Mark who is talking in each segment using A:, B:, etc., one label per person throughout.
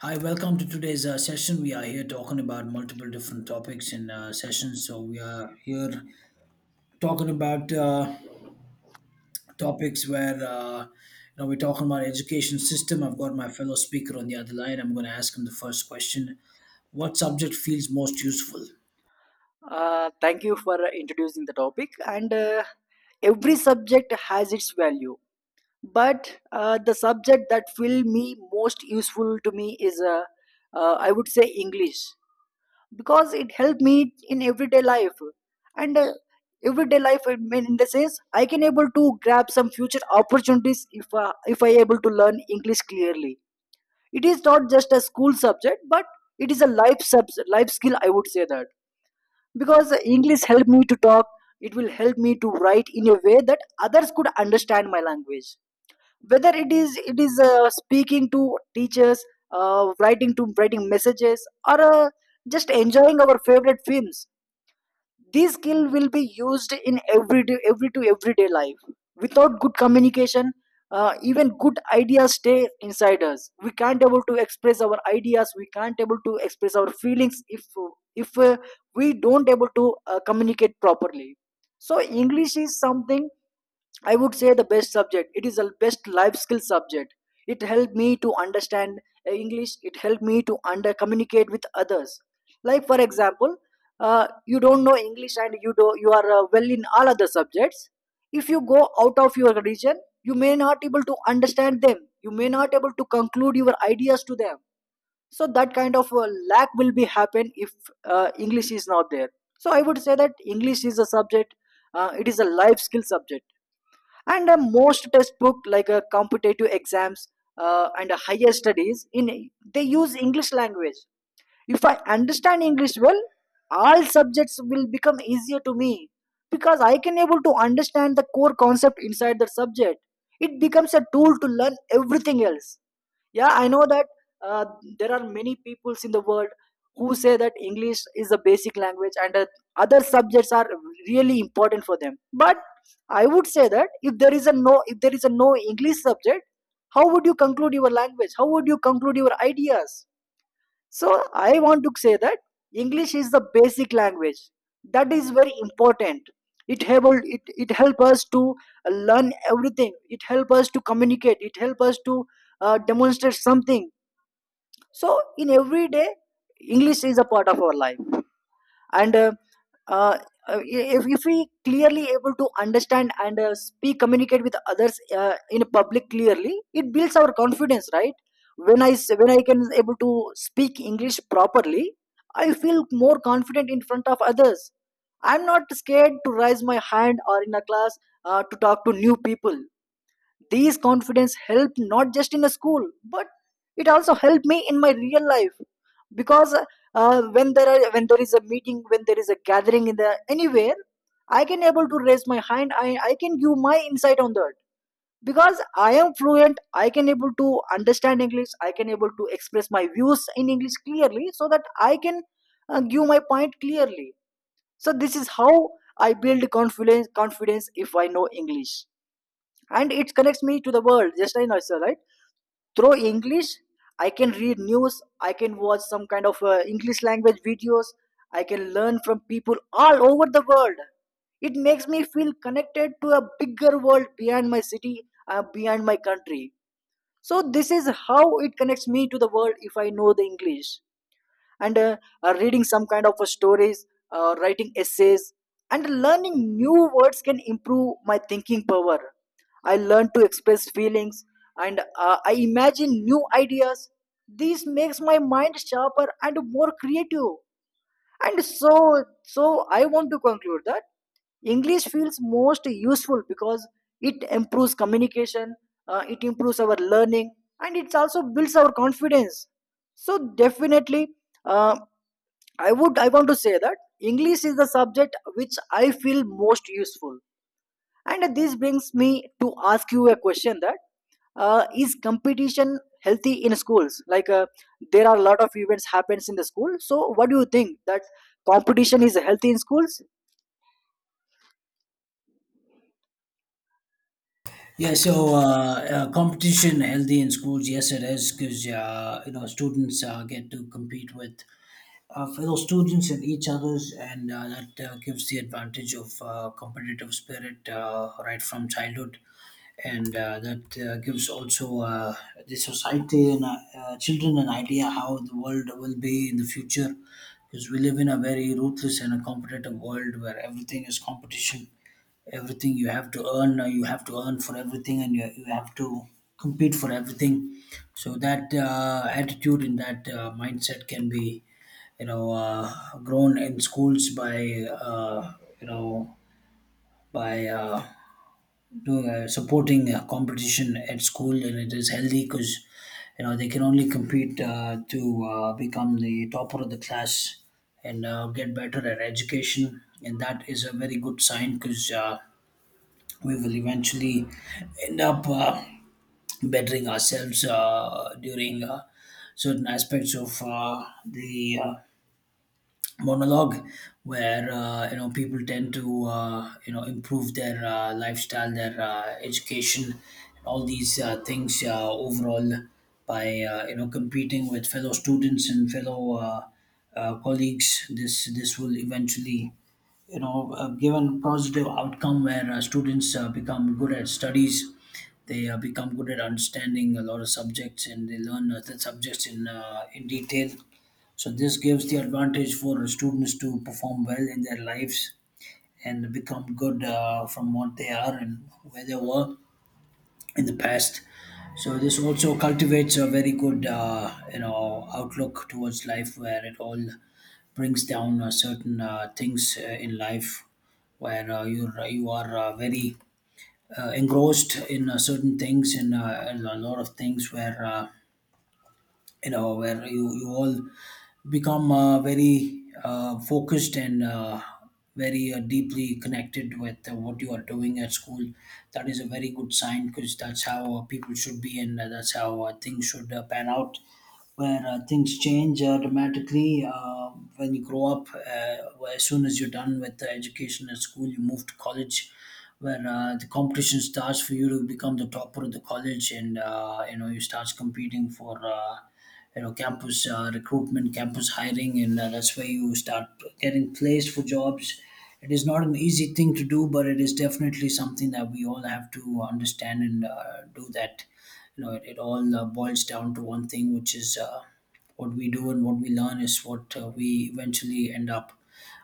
A: Hi, welcome to today's session. We are here talking about multiple different topics in sessions. So we are here talking about topics where we're talking about education system. I've got my fellow speaker on the other line. I'm going to ask him the first question: What subject feels most useful?
B: Thank you for introducing the topic. And Every subject has its value, but the subject that will be most useful to me is, I would say, English, because it helped me in everyday life. And Everyday life, I mean, in the sense, I can able to grab some future opportunities if I able to learn English clearly. It is not just a school subject, but it is a life skill, I would say that, because english helped me to talk. It will help me to write in a way that others could understand my language, whether it is speaking to teachers, writing to writing messages, or just enjoying our favorite films. These skills will be used in every day, every to everyday life. Without good communication, even good ideas stay inside us. We can't able to express our ideas. We can't able to express our feelings if we don't able to communicate properly. So English is something, I would say, the best subject. It is the best life skill subject. It helped me to understand English. It helped me to under communicate with others. Like, for example, you don't know English and you do you are well in all other subjects. If you go out of your region, you may not able to understand them. You may not able to conclude your ideas to them. So that kind of lack will be happen if English is not there. So I would say that English is a subject. It is a life skill subject, and most textbook, like competitive exams and higher studies in, they use english language. If I understand english well, all subjects will become easier to me, because I can able to understand the core concept inside the subject. It becomes a tool to learn everything else. Yeah, I know that uh, there are many peoples in the world who say that english is a basic language and that other subjects are really important for them, but I would say that, if there is a no english subject, how would you conclude your language, how would you conclude your ideas? So I want to say that English is the basic language. That is very important. It help us to learn everything. It help us to communicate. It help us to demonstrate something. So in every day, English is a part of our life, and uh, if we clearly able to understand and speak communicate with others in public clearly, it builds our confidence, right? When I can able to speak english properly, I feel more confident in front of others. I'm not scared to raise my hand or in a class, to talk to new people. These confidence helped not just in a school, but it also helped me in my real life, because when there is a meeting, when there is a gathering in the anywhere, I can able to raise my hand. I can give my insight on that, because I am fluent. I can able to understand English. I can able to express my views in English clearly, so that I can give my point clearly. So this is how I build confidence. Confidence if I know English. And it connects me to the world, just like Nasa, right? Through english, I can read news, I can watch some kind of english language videos. I can learn from people all over the world. It makes me feel connected to a bigger world beyond my city, beyond my country. So this is how it connects me to the world, if I know the english. And Reading some kind of stories, writing essays, and learning new words can improve my thinking power. I learn to express feelings, and I imagine new ideas. This makes my mind sharper and more creative. And so I want to conclude that english feels most useful because it improves communication, it improves our learning, and it also builds our confidence. So definitely, uh, I would, I want to say that english is the subject which I feel most useful. And this brings me to ask you a question, that is competition healthy in schools? Like, there are a lot of events happens in the school. So what do you think, that competition is healthy in schools?
A: Yeah, so competition healthy in schools. Yes, it is because students get to compete with fellow students and each others, and that gives the advantage of competitive spirit right from childhood, and that gives also the society and children an idea how the world will be in the future, because we live in a very ruthless and a competitive world where everything is competition. Everything you have to earn, you have to earn for everything, and you have to compete for everything. So that attitude and that mindset can be you know uh, grown in schools by you know by doing, supporting competition at school. And it is healthy because you know they can only compete to become the topper of the class and get better at education, and that is a very good sign because we will eventually end up bettering ourselves during certain aspects of the monologue, where people tend to improve their lifestyle, their education, and all these things overall by competing with fellow students and fellow colleagues. This will eventually given positive outcome where students become good at studies, they become good at understanding a lot of subjects, and they learn the subjects in detail. So this gives the advantage for students to perform well in their lives and become good from what they are and where they were in the past. So this also cultivates a very good, outlook towards life, where it all brings down certain things in life, where you are very engrossed in certain things, and a lot of things where where you all become very focused and very deeply connected with what you are doing at school. That is a very good sign because that's how people should be, and that's how things should pan out. Where things change dramatically when you grow up, where as soon as you're done with education at school, you move to college where the competition starts for you to become the topper of the college, and you start competing for campus recruitment, campus hiring, and that's where you start getting placed for jobs. It is not an easy thing to do, but it is definitely something that we all have to understand and do that. You know, it all boils down to one thing, which is what we do and what we learn is what we eventually end up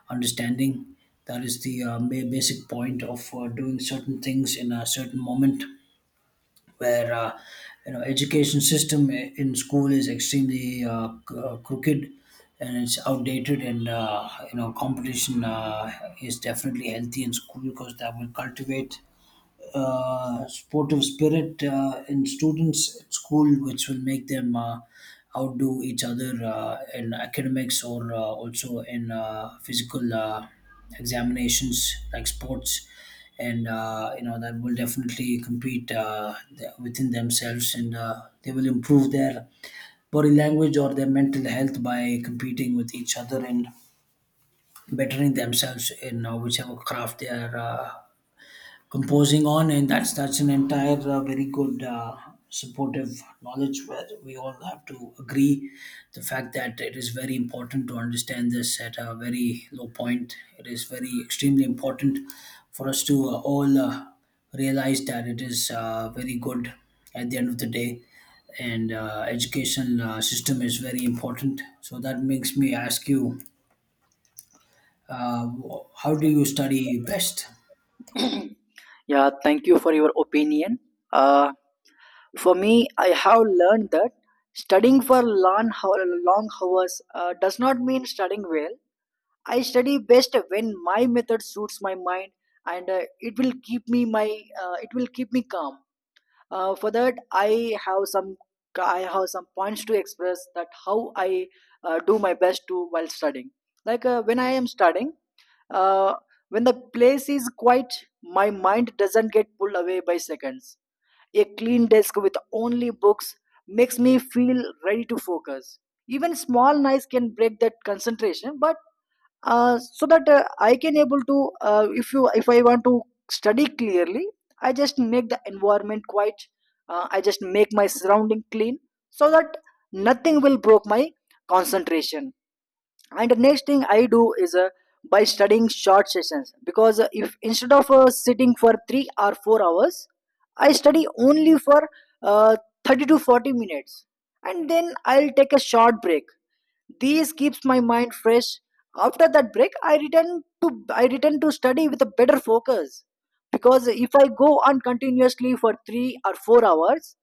A: understanding. That is the basic point of doing certain things in a certain moment, where education system in school is extremely crooked, and it's outdated. And competition is definitely healthy in school, because that will cultivate sportive spirit in students at school, which will make them outdo each other in academics or also in physical examinations like sports. And that will definitely compete within themselves, and they will improve their body language or their mental health by competing with each other and bettering themselves in whichever craft they are composing on. And that's an entire very good supportive knowledge, where we all have to agree the fact that it is very important to understand this at a very low point. It is very extremely important for us to all realize that it is very good at the end of the day. And education system is very important. So that makes me ask you, uh, how do you study best?
B: Yeah, thank you for your opinion. Uh, for me, I have learned that studying for long hours does not mean studying well. I study best when my method suits my mind, and it will keep me my it will keep me calm. For that, I have some, I have some points to express, that how I do my best to while studying. Like, when I am studying, uh, when the place is quiet, my mind doesn't get pulled away by seconds. A clean desk with only books makes me feel ready to focus. Even small noise can break that concentration, but so that I can able to if I want to study clearly, I just make the environment quiet, I just make my surrounding clean, so that nothing will broke my concentration. And the next thing I do is by studying short sessions, because if instead of sitting for 3 or 4 hours, I study only for uh, 30 to 40 minutes, and then I'll take a short break. This keeps my mind fresh. After that break, to I return to study with a better focus, because if I go on continuously for 3 or 4 hours,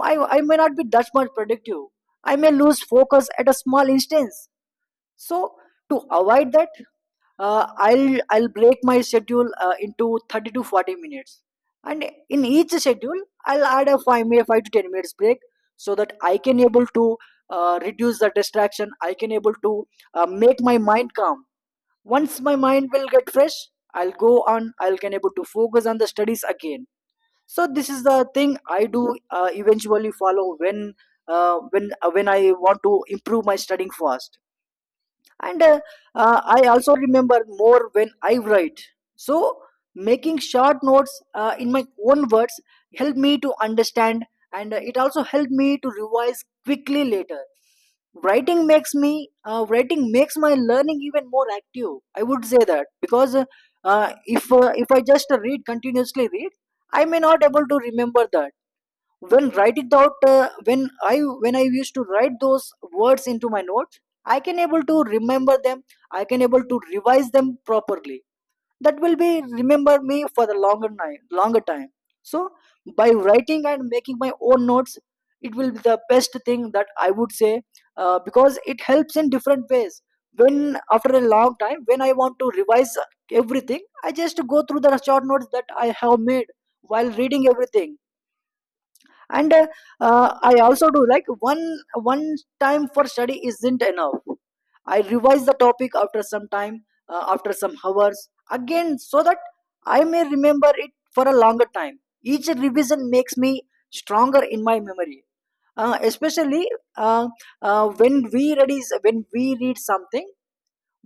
B: I may not be that much productive. I may lose focus at a small instance. So to avoid that, i'll break my schedule into 30 to 40 minutes, and in each schedule, I'll add a 5 minute, 5 to 10 minutes break, so that I can able to reduce the distraction, I can able to make my mind calm. Once my mind will get fresh, I'll go on I'll can able to focus on the studies again. So this is the thing I do, eventually follow, when when I want to improve my studying fast. And I also remember more when I write. So making short notes in my own words helped me to understand, and it also helped me to revise quickly later. Writing makes my learning even more active, I would say that, because if I just read continuously read, I may not able to remember that. When write it out, when I used to write those words into my notes, I can able to remember them, I can able to revise them properly. That will be remember me for the longer night longer time. So by writing and making my own notes, it will be the best thing that I would say, because it helps in different ways. When, after a long time, when I want to revise everything, I just go through the short notes that I have made while reading everything. And I also do, like, one time for study isn't enough. I revise the topic after some time, after some hours again, so that I may remember it for a longer time. Each revision makes me stronger in my memory, especially uh, when we read something,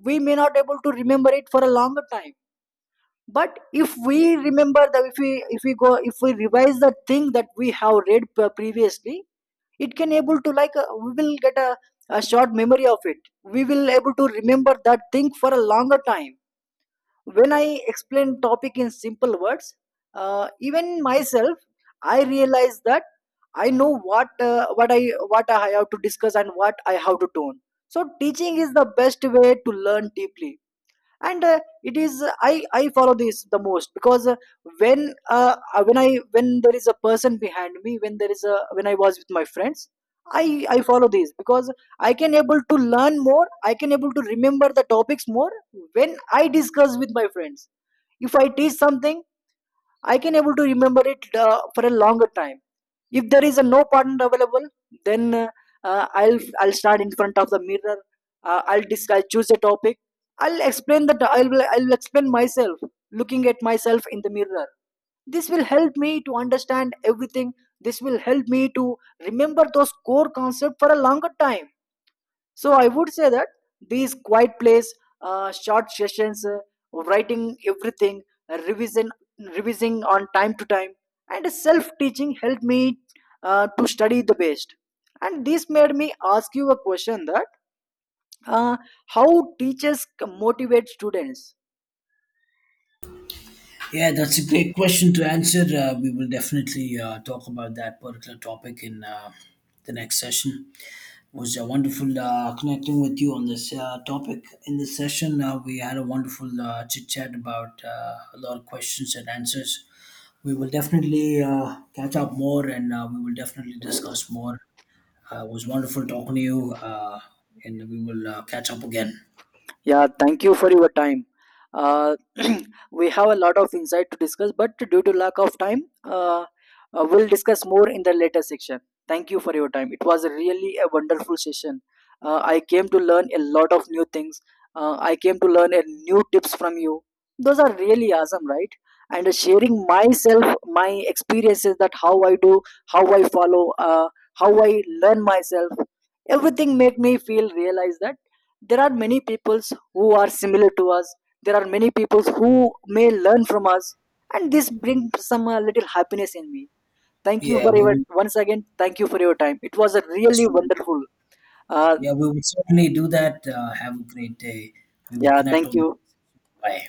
B: we may not able to remember it for a longer time. But if we remember the, if we go if we revise the thing that we have previously, it can able to, like, we will get a short memory of it, we will able to remember that thing for a longer time. When I explain topic in simple words, even myself, I realize that I know what, what I have to discuss and what I have to tone. So teaching is the best way to learn deeply, and it is, i follow this the most, because when when I when there is a person behind me, when there is a when I was with my friends, i i follow this, because I can able to learn more, I can able to remember the topics more. When I discuss with my friends, if I teach something, I can able to remember it for a longer time. If there is a no partner available, then I'll stand in front of the mirror. I'll choose a topic. I'll explain myself, looking at myself in the mirror. This will help me to understand everything. This will help me to remember those core concepts for a longer time. So I would say that these quiet plays, short sessions, writing everything, revision, revising on time to time, and self-teaching helped me to study the best. And this made me ask you a question, that uh, how teachers motivate students.
A: Yeah, that's a great question to answer. We will definitely talk about that particular topic in the next session. It was wonderful connecting with you on this topic. In this session, we had a wonderful chit chat about a lot of questions and answers. We will definitely catch up more, and we will definitely discuss more. It was wonderful talking to you, and we will catch up again.
B: Yeah, thank you for your time. Uh, we have a lot of insight to discuss, but due to lack of time, we'll discuss more in the later section. Thank you for your time. It was really a wonderful session. I came to learn a lot of new things. I came to learn a new tips from you. Those are really awesome, right? And Sharing myself, my experiences, that how I do, how I follow, how I learn myself, everything made me feel realize that there are many people who are similar to us, there are many people who may learn from us, and this brings some little happiness in me. Thank you
A: Yeah,
B: for
A: we
B: your,
A: will.
B: once again, thank you for your time. It was a
A: Yes,
B: really
A: we will.
B: wonderful, uh,
A: Yeah, we will certainly do that. Have a great day. We will
B: yeah,
A: connect
B: thank
A: on the.
B: you.
A: Bye.